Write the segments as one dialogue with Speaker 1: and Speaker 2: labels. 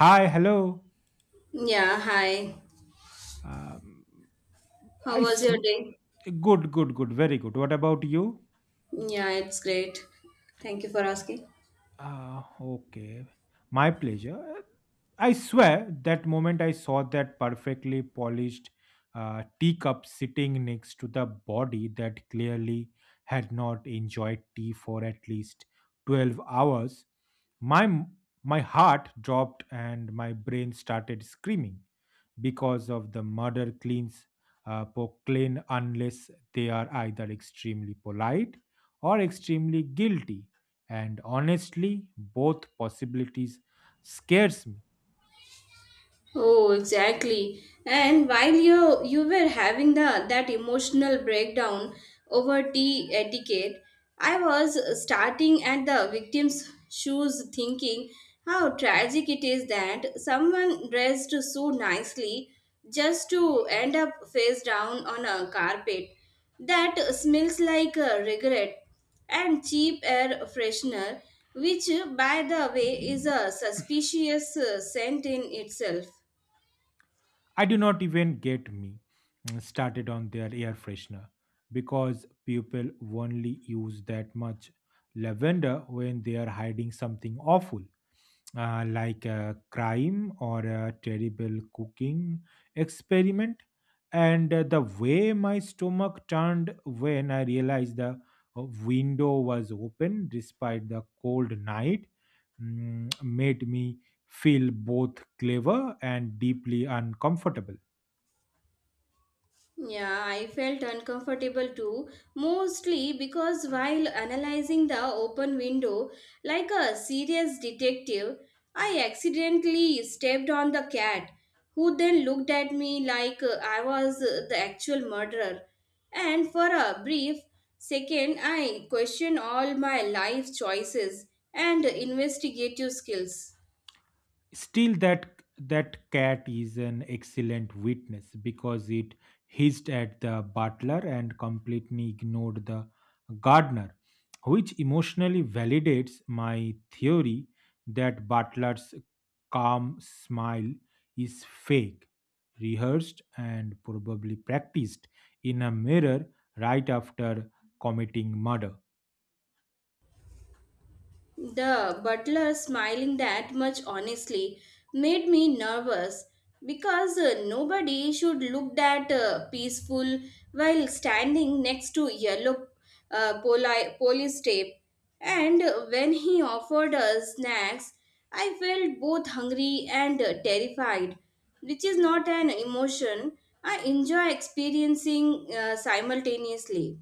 Speaker 1: Hi, hello.
Speaker 2: Yeah, hi.
Speaker 1: Um,
Speaker 2: How
Speaker 1: I
Speaker 2: was
Speaker 1: s-
Speaker 2: your day?
Speaker 1: good, good, good, very good. What about you?
Speaker 2: Yeah, it's great. Thank you for asking.
Speaker 1: Okay. My pleasure. I swear that moment I saw that perfectly polished teacup sitting next to the body that clearly had not enjoyed tea for at least 12 hours, my, m- my heart dropped and my brain started screaming because of the murder cleans proclaim unless they are either extremely polite or extremely guilty, and honestly, both possibilities scares me.
Speaker 2: Oh, exactly. And while you were having the that emotional breakdown over tea etiquette, I was starting at the victim's shoes thinking how tragic it is that someone dressed so nicely just to end up face down on a carpet that smells like a regret and cheap air freshener, which by the way is a suspicious scent in itself.
Speaker 1: I do not even get me started on their air freshener because people only use that much lavender when they are hiding something awful, like a crime or a terrible cooking experiment. And the way my stomach turned when I realized the window was open despite the cold night made me feel both clever and deeply uncomfortable.
Speaker 2: Yeah, I felt uncomfortable too, mostly because while analyzing the open window like a serious detective, I accidentally stepped on the cat, who then looked at me like I was the actual murderer. And for a brief second, I questioned all my life choices and investigative skills.
Speaker 1: Still, that cat is an excellent witness because it hissed at the butler and completely ignored the gardener, which emotionally validates my theory that butler's calm smile is fake, rehearsed, and probably practiced in a mirror right after committing murder.
Speaker 2: The butler smiling that much honestly made me nervous because nobody should look that peaceful while standing next to yellow police tape. And when he offered us snacks, I felt both hungry and terrified, which is not an emotion I enjoy experiencing simultaneously.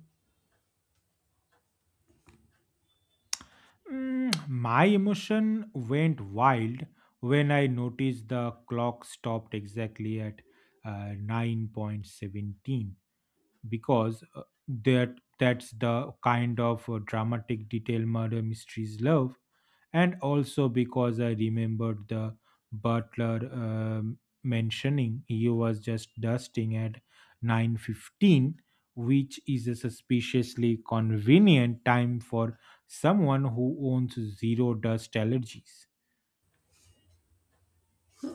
Speaker 1: My emotion went wild when I noticed the clock stopped exactly at 9:17 because that's the kind of dramatic detail murder mysteries love, and also because I remembered the butler mentioning he was just dusting at 9:15, which is a suspiciously convenient time for someone who owns zero dust allergies.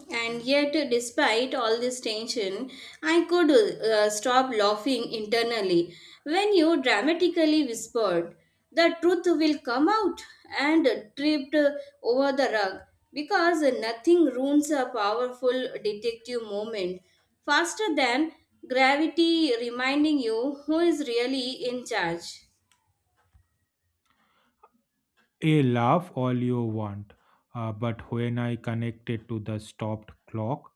Speaker 2: And yet, despite all this tension, I could stop laughing internally when you dramatically whispered, "The truth will come out," and tripped over the rug because nothing ruins a powerful detective moment faster than gravity reminding you who is really in charge.
Speaker 1: A laugh all you want, but when I connected to the stopped clock,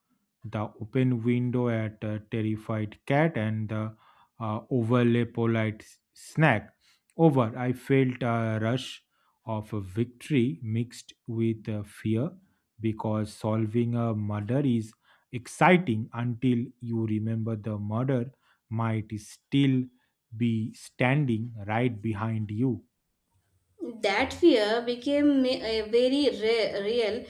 Speaker 1: the open window at a terrified cat, and the overly polite snack over, I felt a rush of victory mixed with fear, because solving a murder is exciting until you remember the murder might still be standing right behind you.
Speaker 2: That fear became very real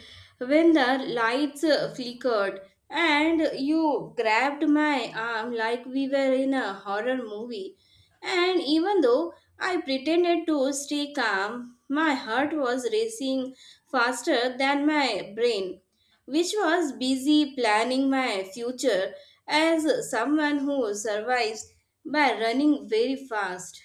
Speaker 2: when the lights flickered and you grabbed my arm like we were in a horror movie. And even though I pretended to stay calm, my heart was racing faster than my brain, which was busy planning my future as someone who survives by running very fast.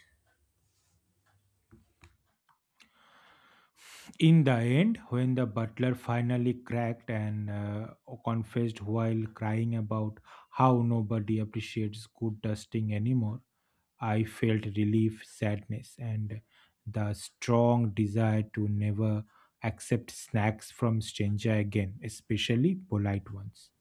Speaker 1: In the end, when the butler finally cracked and confessed while crying about how nobody appreciates good dusting anymore, I felt relief, sadness, and the strong desire to never accept snacks from stranger again, especially polite ones.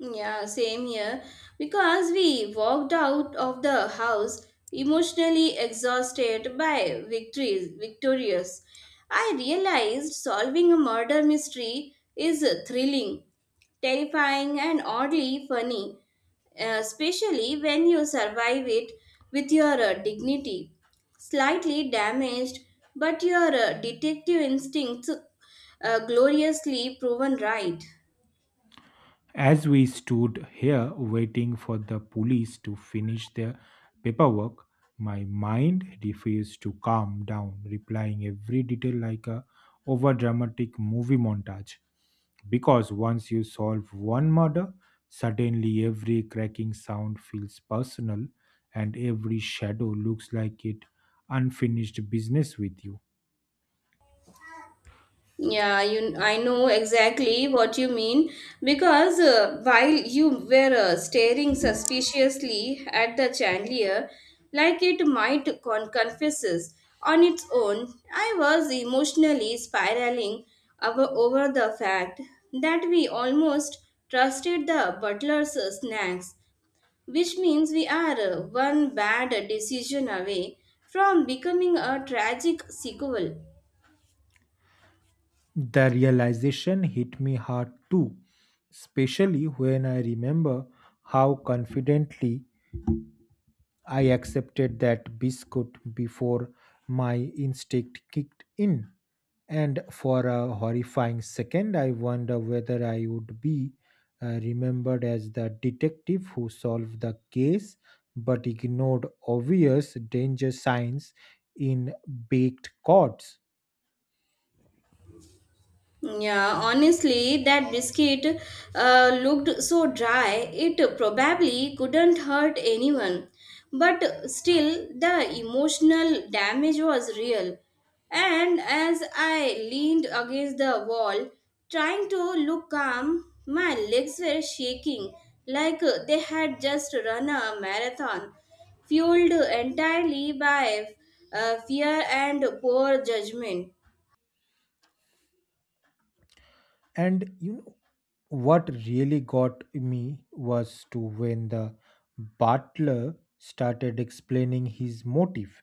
Speaker 2: Yeah, same here. Because we walked out of the house emotionally exhausted by victories, victorious. I realized solving a murder mystery is thrilling, terrifying, and oddly funny, especially when you survive it with your dignity. Slightly damaged, but your detective instincts gloriously proven right.
Speaker 1: As we stood here waiting for the police to finish their paperwork, my mind refused to calm down, replying every detail like a overdramatic movie montage. Because once you solve one murder, suddenly every cracking sound feels personal and every shadow looks like it unfinished business with you.
Speaker 2: Yeah, you. I know exactly what you mean because while you were staring suspiciously at the chandelier, like it might confesses on its own, I was emotionally spiraling over the fact that we almost trusted the butler's snacks, which means we are one bad decision away from becoming a tragic sequel.
Speaker 1: The realization hit me hard too, especially when I remember how confidently I accepted that biscuit before my instinct kicked in. And for a horrifying second, I wonder whether I would be remembered as the detective who solved the case but ignored obvious danger signs in baked cords.
Speaker 2: Yeah, honestly, that biscuit looked so dry, it probably couldn't hurt anyone. But still, the emotional damage was real. And as I leaned against the wall, trying to look calm, my legs were shaking like they had just run a marathon, fueled entirely by fear and poor judgment.
Speaker 1: And you know what really got me was to when the butler started explaining his motive,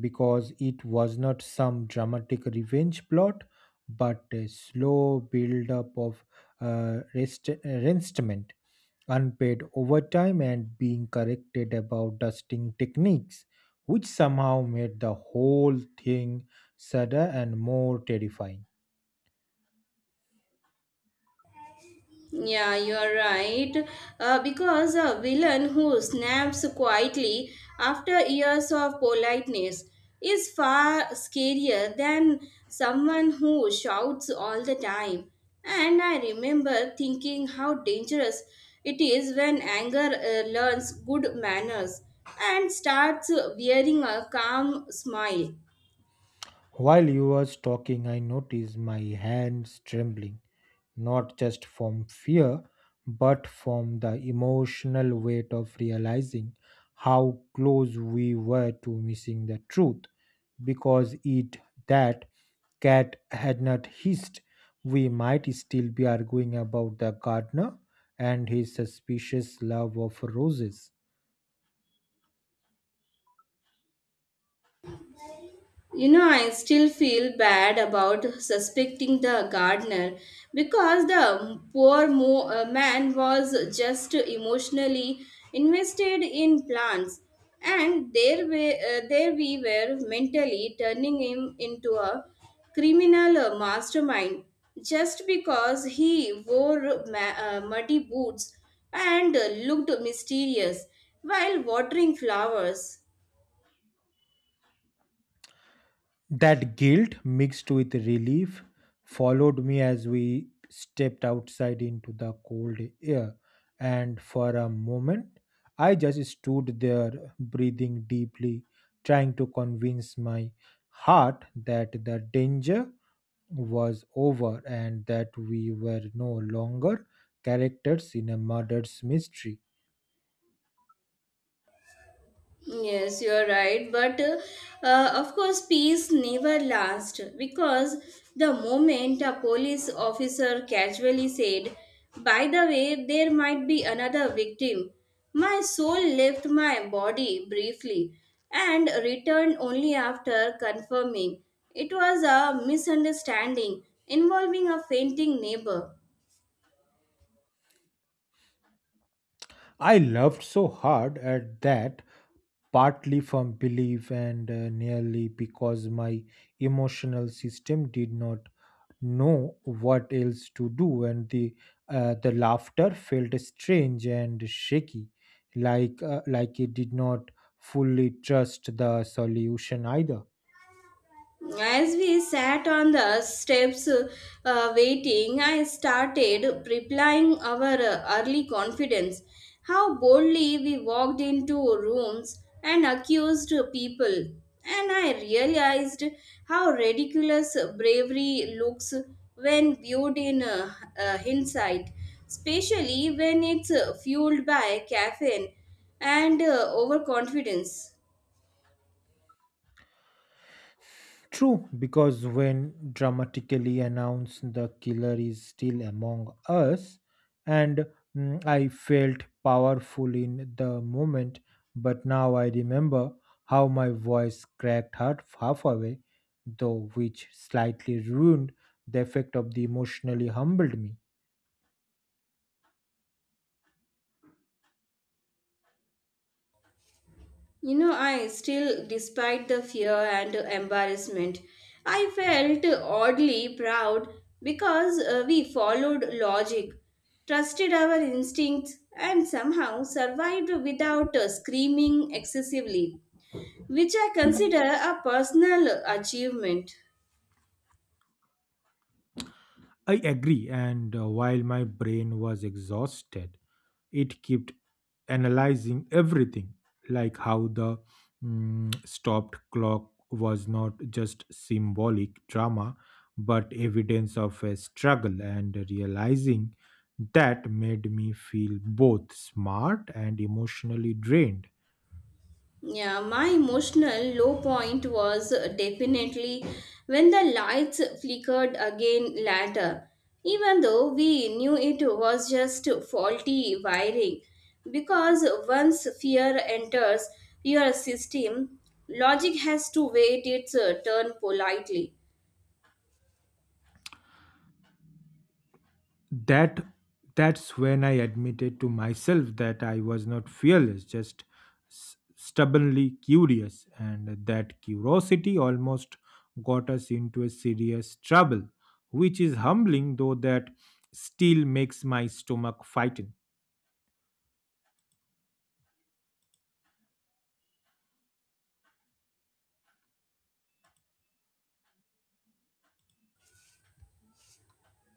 Speaker 1: because it was not some dramatic revenge plot but a slow build up of resentment, unpaid overtime, and being corrected about dusting techniques, which somehow made the whole thing sadder and more terrifying.
Speaker 2: Yeah, you're right. Because a villain who snaps quietly after years of politeness is far scarier than someone who shouts all the time. And I remember thinking how dangerous it is when anger learns good manners and starts wearing a calm smile.
Speaker 1: While you was talking, I noticed my hands trembling, not just from fear, but from the emotional weight of realizing how close we were to missing the truth. Because it that cat had not hissed, we might still be arguing about the gardener and his suspicious love of roses.
Speaker 2: You know, I still feel bad about suspecting the gardener because the poor man was just emotionally invested in plants, and there we were mentally turning him into a criminal mastermind just because he wore muddy boots and looked mysterious while watering flowers.
Speaker 1: That guilt mixed with relief followed me as we stepped outside into the cold air, and for a moment I just stood there breathing deeply, trying to convince my heart that the danger was over and that we were no longer characters in a murder's mystery.
Speaker 2: Yes, you are right. But of course, peace never lasts because the moment a police officer casually said, "By the way, there might be another victim," my soul left my body briefly and returned only after confirming it was a misunderstanding involving a fainting neighbor.
Speaker 1: I laughed so hard at that, partly from belief and nearly because my emotional system did not know what else to do, and the laughter felt strange and shaky, like it did not fully trust the solution either.
Speaker 2: As we sat on the steps waiting, I started replying our early confidence. How boldly we walked into rooms and accused people. And I realized how ridiculous bravery looks when viewed in hindsight, especially when it's fueled by caffeine and overconfidence.
Speaker 1: True, because when dramatically announced the killer is still among us, and I felt powerful in the moment, but now I remember how my voice cracked half away, though which slightly ruined the effect of the emotionally humbled me.
Speaker 2: You know, I still, despite the fear and embarrassment, I felt oddly proud because we followed logic, trusted our instincts, and somehow survived without screaming excessively, which I consider a personal achievement.
Speaker 1: I agree, and while my brain was exhausted, it kept analyzing everything, like how the stopped clock was not just symbolic drama, but evidence of a struggle, and realizing that made me feel both smart and emotionally drained.
Speaker 2: Yeah, my emotional low point was definitely when the lights flickered again later, even though we knew it was just faulty wiring. Because once fear enters your system, logic has to wait its turn politely.
Speaker 1: that that's when I admitted to myself that I was not fearless, just stubbornly curious, and that curiosity almost got us into a serious trouble, which is humbling though that still makes my stomach fighten.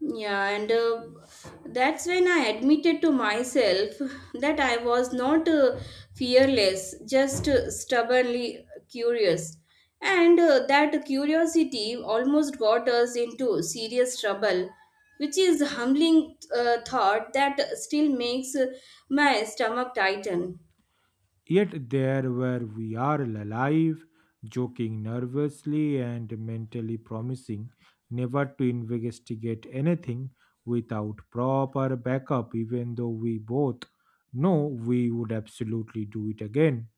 Speaker 2: Yeah, and That's when I admitted to myself that I was not fearless, just stubbornly curious. And that curiosity almost got us into serious trouble, which is humbling thought that still makes my stomach tighten.
Speaker 1: Yet there were we are alive, joking nervously and mentally promising never to investigate anything without proper backup, even though we both know we would absolutely do it again.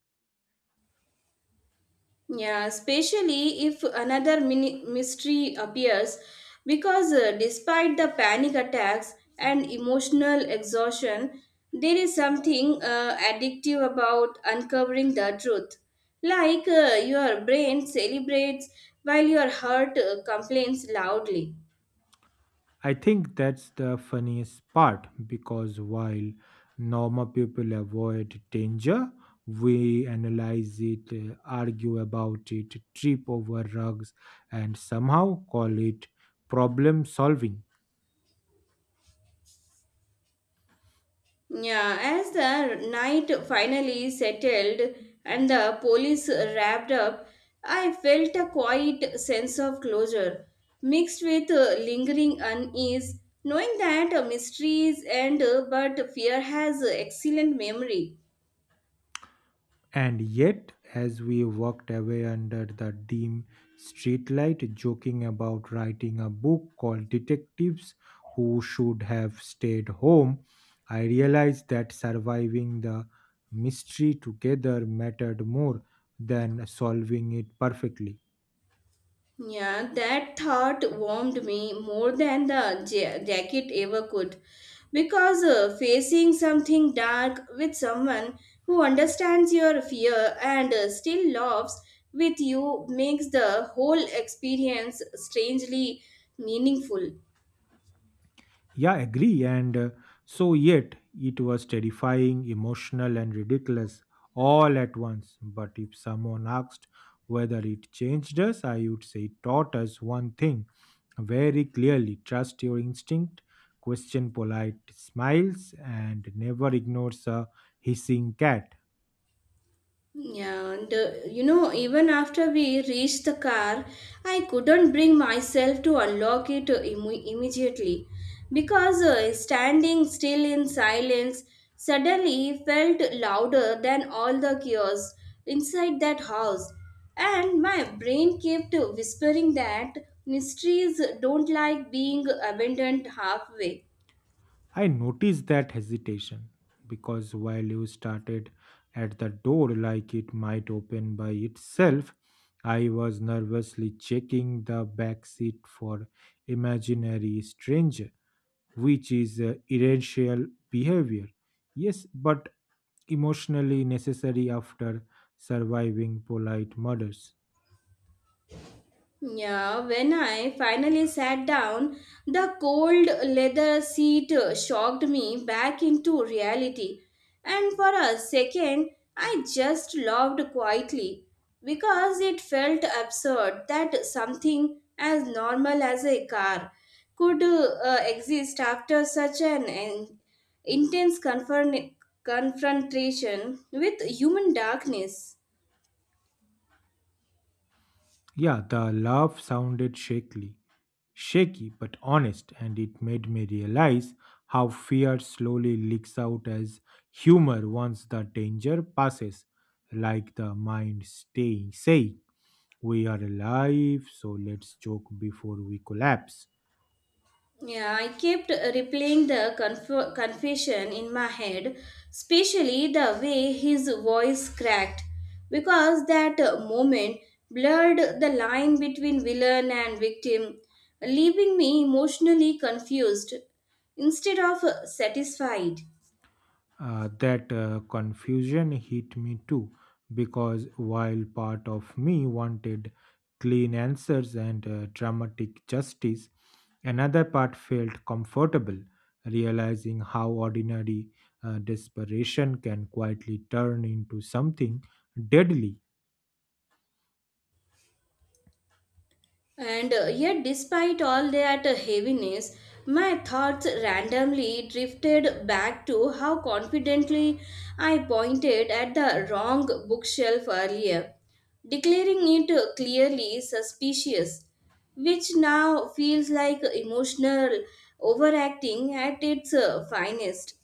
Speaker 2: Yeah, especially if another mystery appears, because despite the panic attacks and emotional exhaustion, there is something addictive about uncovering the truth. Like your brain celebrates while your heart complains loudly.
Speaker 1: I think that's the funniest part because while normal people avoid danger, we analyze it, argue about it, trip over rugs, and somehow call it problem solving.
Speaker 2: Yeah, as the night finally settled and the police wrapped up, I felt a quiet sense of closure, mixed with lingering unease, knowing that mysteries end but fear has excellent memory.
Speaker 1: And yet, as we walked away under the dim streetlight, joking about writing a book called Detectives Who Should Have Stayed Home, I realized that surviving the mystery together mattered more than solving it perfectly.
Speaker 2: Yeah, that thought warmed me more than the jacket ever could. Because facing something dark with someone who understands your fear and still laughs with you makes the whole experience strangely meaningful.
Speaker 1: Yeah, agree. And so, yet, it was terrifying, emotional, and ridiculous all at once. But if someone asked whether it changed us, I would say it taught us one thing very clearly: trust your instinct, question polite smiles, and never ignores a hissing cat.
Speaker 2: Yeah, and you know, even after we reached the car, I couldn't bring myself to unlock it immediately because standing still in silence suddenly felt louder than all the chaos inside that house. And my brain kept whispering that mysteries don't like being abandoned halfway.
Speaker 1: I noticed that hesitation because while you started at the door like it might open by itself, I was nervously checking the back seat for imaginary stranger, which is irrational behavior. Yes, but emotionally necessary after surviving polite murders.
Speaker 2: Yeah, when I finally sat down, the cold leather seat shocked me back into reality. And for a second, I just laughed quietly because it felt absurd that something as normal as a car could exist after such an intense confrontation with human darkness.
Speaker 1: Yeah, the laugh sounded shaky but honest, and it made me realize how fear slowly leaks out as humor once the danger passes, like the mind staying saying, "We are alive, so let's joke before we collapse."
Speaker 2: Yeah, I kept replaying the confession in my head, especially the way his voice cracked, because that moment blurred the line between villain and victim, leaving me emotionally confused instead of satisfied.
Speaker 1: That confusion hit me too, because while part of me wanted clean answers and dramatic justice, another part felt comfortable, realizing how ordinary desperation can quietly turn into something deadly.
Speaker 2: And yet, despite all that heaviness, my thoughts randomly drifted back to how confidently I pointed at the wrong bookshelf earlier, declaring it clearly suspicious, which now feels like emotional overacting at its finest.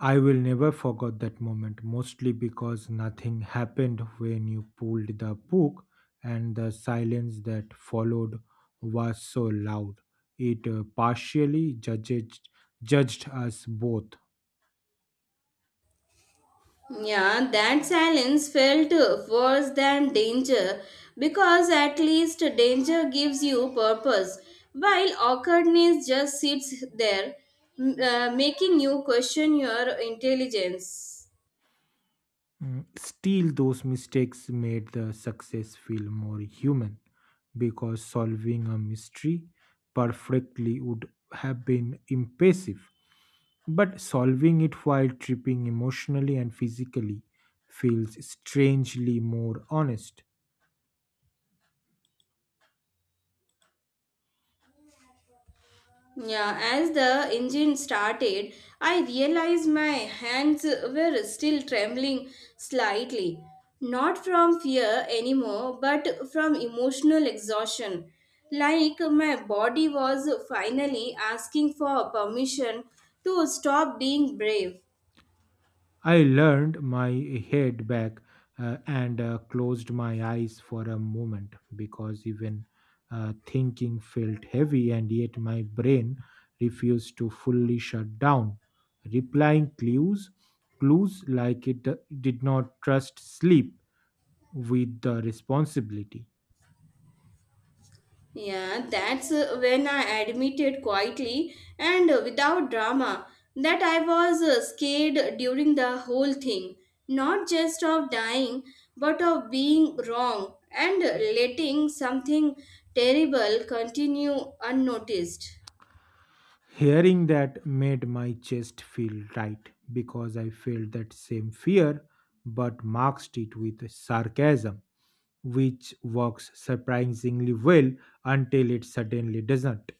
Speaker 1: I will never forget that moment, mostly because nothing happened when you pulled the book, and the silence that followed was so loud. It partially judged us both.
Speaker 2: Yeah, that silence felt worse than danger because at least danger gives you purpose, while awkwardness just sits there, making you question your intelligence.
Speaker 1: Still, those mistakes made the success feel more human, because solving a mystery perfectly would have been impressive. But solving it while tripping emotionally and physically feels strangely more honest.
Speaker 2: Yeah, as the engine started, I realized my hands were still trembling slightly. Not from fear anymore, but from emotional exhaustion. Like my body was finally asking for permission to stop being brave.
Speaker 1: I leaned my head back and closed my eyes for a moment because even thinking felt heavy, and yet my brain refused to fully shut down, replying clues like it did not trust sleep with the responsibility.
Speaker 2: Yeah, that's when I admitted quietly and without drama that I was scared during the whole thing, not just of dying, but of being wrong and letting something terrible continue unnoticed.
Speaker 1: Hearing that made my chest feel tight because I felt that same fear but masked it with sarcasm, which works surprisingly well until it suddenly doesn't.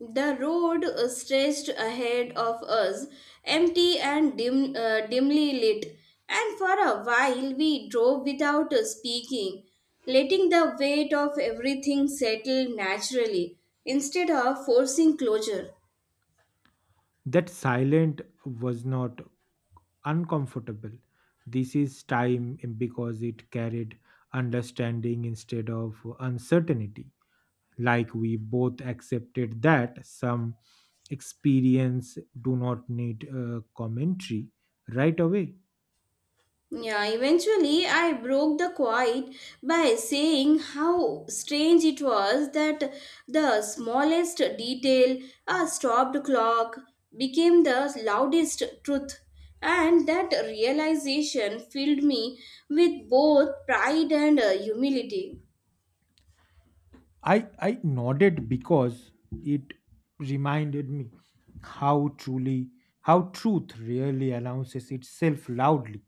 Speaker 2: The road stretched ahead of us, empty and dimly lit, and for a while we drove without speaking, letting the weight of everything settle naturally instead of forcing closure.
Speaker 1: That silent was not uncomfortable. This is time because it carried understanding instead of uncertainty. Like we both accepted that some experience do not need commentary right away.
Speaker 2: Yeah, eventually I broke the quiet by saying how strange it was that the smallest detail, a stopped clock, became the loudest truth. And that realization filled me with both pride and humility.
Speaker 1: I nodded because it reminded me how truly how truth really announces itself loudly,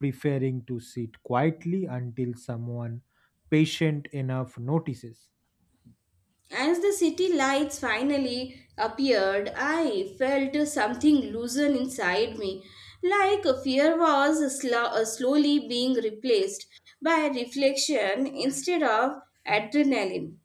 Speaker 1: preferring to sit quietly until someone patient enough notices.
Speaker 2: As the city lights finally appeared, I felt something loosen inside me, like fear was slowly being replaced by reflection instead of adrenaline.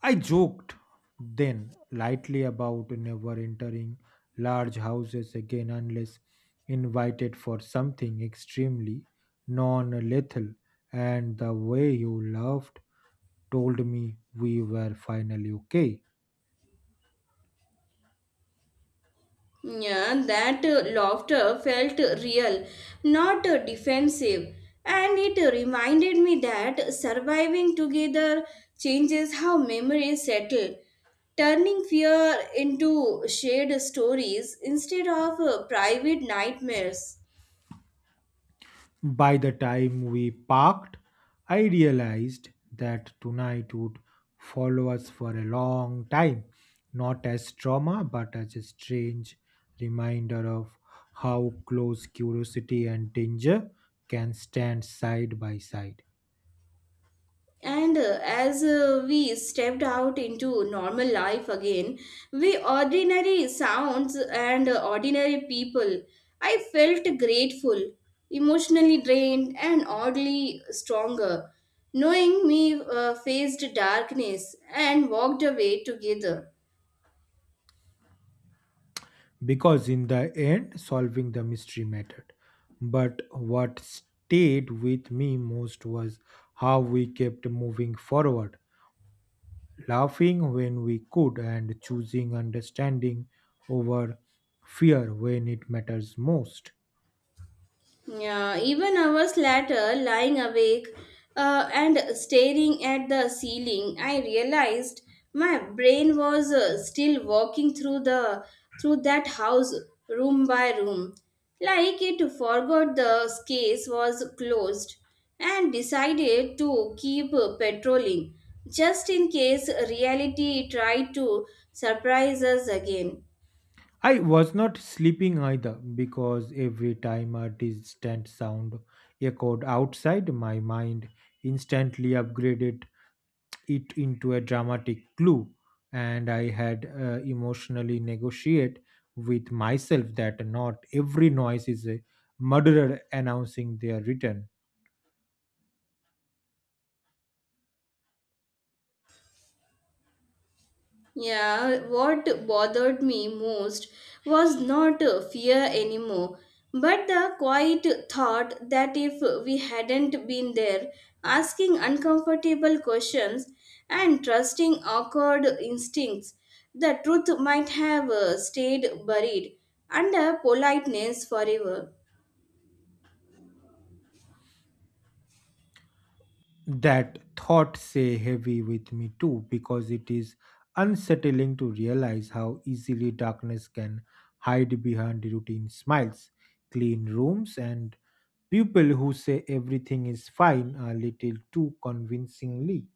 Speaker 1: I joked then lightly about never entering large houses again unless invited for something extremely non lethal, and the way you laughed told me we were finally okay.
Speaker 2: Yeah, that laughter felt real, not defensive. And it reminded me that surviving together changes how memories settle, turning fear into shared stories instead of private nightmares.
Speaker 1: By the time we parked, I realized that tonight would follow us for a long time, not as trauma, but as a strange reminder of how close curiosity and danger can stand side by side.
Speaker 2: And as we stepped out into normal life again, we ordinary sounds and ordinary people, I felt grateful, emotionally drained, and oddly stronger, knowing me faced darkness and walked away together.
Speaker 1: Because in the end, solving the mystery mattered. But what stayed with me most was how we kept moving forward, laughing when we could and choosing understanding over fear when it matters most.
Speaker 2: Yeah, even hours later, lying awake and staring at the ceiling, I realized my brain was still walking through the through that house room by room, like it forgot the case was closed and decided to keep patrolling just in case reality tried to surprise us again.
Speaker 1: I was not sleeping either because every time a distant sound echoed outside, my mind instantly upgraded it into a dramatic clue, and I had emotionally negotiate with myself that not every noise is a murderer announcing their return.
Speaker 2: Yeah, what bothered me most was not fear anymore, but the quiet thought that if we hadn't been there, asking uncomfortable questions and trusting awkward instincts, the truth might have stayed buried under politeness forever.
Speaker 1: That thought say heavy with me too because it is unsettling to realize how easily darkness can hide behind routine smiles, clean rooms, and people who say everything is fine a little too convincingly.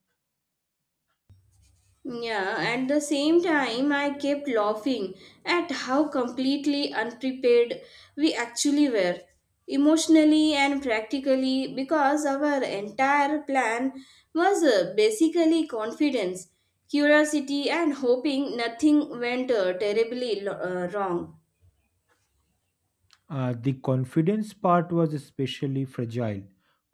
Speaker 2: Yeah, at the same time, I kept laughing at how completely unprepared we actually were, emotionally and practically, because our entire plan was basically confidence, curiosity, and hoping nothing went uh, terribly wrong.
Speaker 1: The confidence part was especially fragile,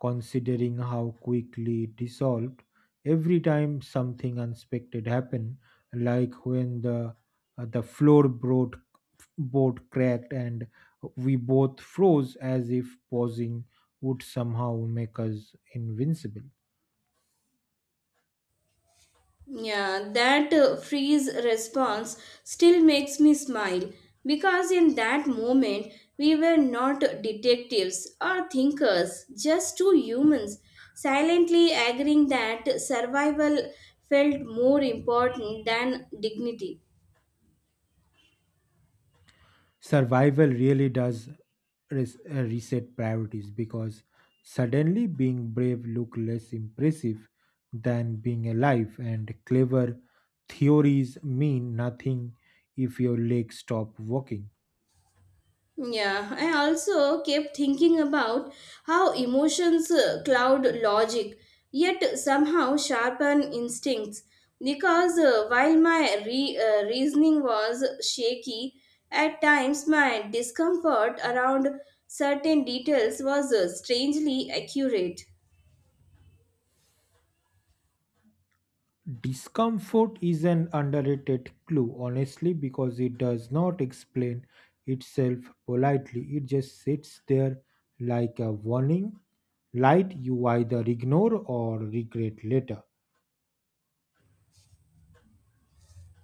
Speaker 1: considering how quickly it dissolved every time something unexpected happened, like when the floor boat cracked and we both froze as if pausing would somehow make us invincible.
Speaker 2: Yeah, that freeze response still makes me smile because in that moment we were not detectives or thinkers, just two humans silently agreeing that survival felt more important than dignity.
Speaker 1: Survival really does reset priorities because suddenly being brave look less impressive than being alive, and clever theories mean nothing if your legs stop working.
Speaker 2: Yeah, I also kept thinking about how emotions cloud logic, yet somehow sharpen instincts. Because while my reasoning was shaky, at times my discomfort around certain details was strangely accurate.
Speaker 1: Discomfort is an underrated clue, honestly, because it does not explain itself politely. It just sits there like a warning light you either ignore or regret later.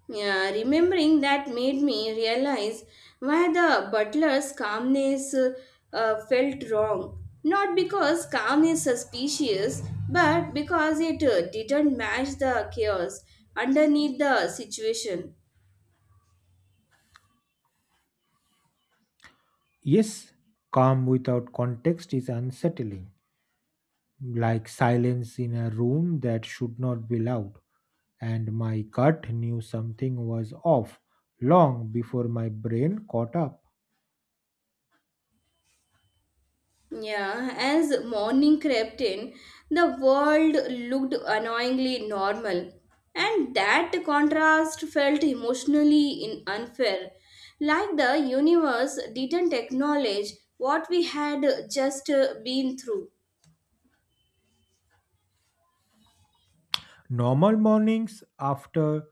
Speaker 2: Yeah, remembering that made me realize why the butler's calmness felt wrong. Not because calm is suspicious, but because it didn't match the chaos underneath the situation.
Speaker 1: Yes, calm without context is unsettling, like silence in a room that should not be loud. And my gut knew something was off long before my brain caught up.
Speaker 2: Yeah, as morning crept in, the world looked annoyingly normal, and that contrast felt emotionally in unfair, like the universe didn't acknowledge what we had just been through.
Speaker 1: Normal mornings after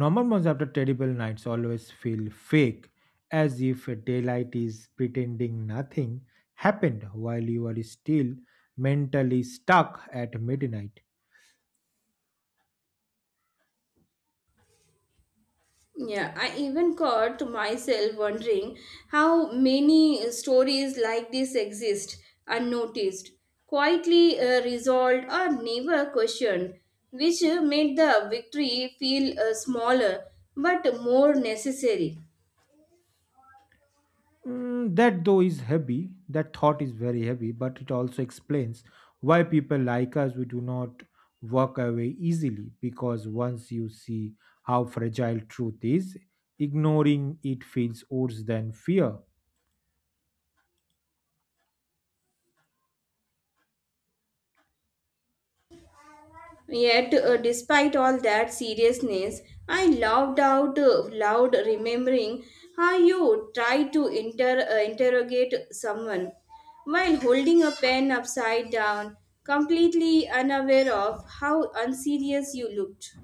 Speaker 1: normal mornings after terrible nights always feel fake, as if daylight is pretending nothing happened while you are still mentally stuck at midnight.
Speaker 2: Yeah, I even caught myself wondering how many stories like this exist unnoticed, quietly resolved or never questioned, which made the victory feel smaller but more necessary.
Speaker 1: That thought is very heavy, but it also explains why people like us we do not walk away easily, because once you see how fragile truth is, ignoring it feels worse than fear.
Speaker 2: Yet, despite all that seriousness, I laughed out loud, remembering how you tried to interrogate someone while holding a pen upside down, completely unaware of how unserious you looked.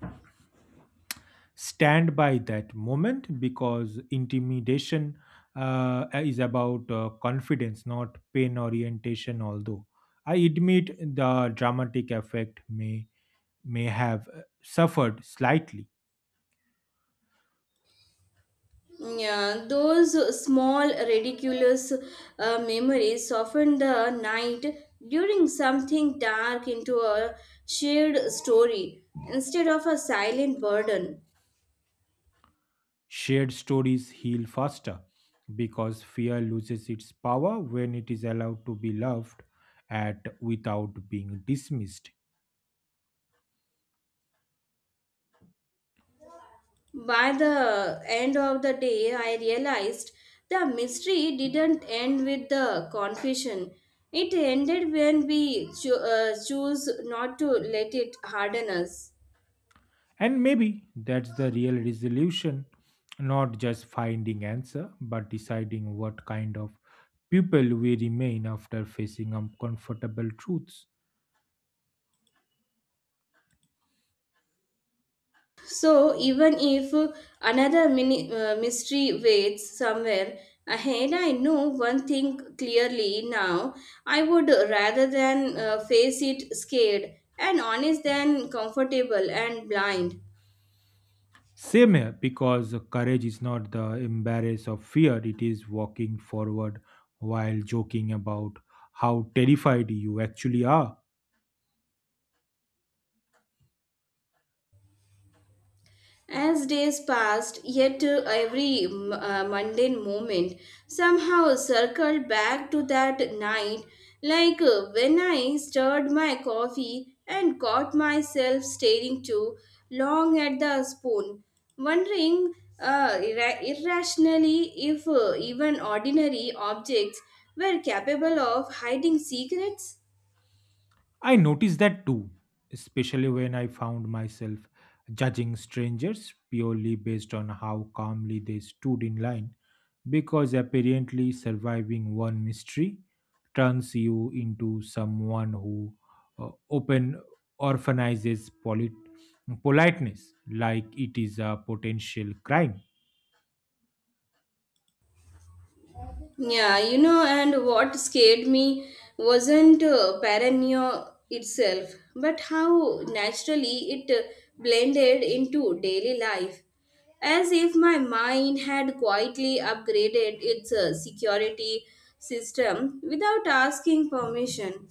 Speaker 1: Stand by that moment because intimidation is about confidence, not pain orientation. Although I admit the dramatic effect may have suffered slightly.
Speaker 2: Yeah, those small ridiculous memories softened the night during something dark into a shared story instead of a silent burden.
Speaker 1: Shared stories heal faster because fear loses its power when it is allowed to be loved at without being dismissed.
Speaker 2: By the end of the day, I realized the mystery didn't end with the confession. It ended when we choose not to let it harden us.
Speaker 1: And maybe that's the real resolution, not just finding answer, but deciding what kind of people we remain after facing uncomfortable truths.
Speaker 2: So, even if another mystery waits somewhere ahead, I know one thing clearly now. I would rather than face it scared and honest than comfortable and blind.
Speaker 1: Same here, because courage is not the embrace of fear, it is walking forward while joking about how terrified you actually are.
Speaker 2: As days passed, yet every mundane moment somehow circled back to that night, like when I stirred my coffee and caught myself staring too long at the spoon, wondering irrationally if even ordinary objects were capable of hiding secrets.
Speaker 1: I noticed that too, especially when I found myself judging strangers purely based on how calmly they stood in line, because apparently surviving one mystery turns you into someone who open orphanizes politeness like it is a potential crime.
Speaker 2: Yeah, you know, and what scared me wasn't paranoia itself, but how naturally it blended into daily life, as if my mind had quietly upgraded its security system without asking permission.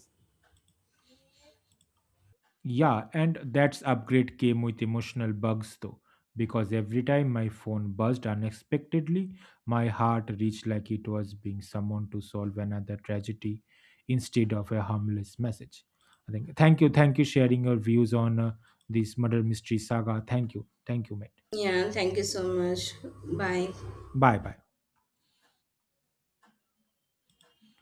Speaker 1: Yeah, and that's upgrade came with emotional bugs though, because every time my phone buzzed unexpectedly, my heart reached like it was being summoned to solve another tragedy instead of a harmless message. I think thank you sharing your views on this murder mystery saga. Thank you, mate.
Speaker 2: Yeah, thank you so much. Bye.
Speaker 1: Bye bye.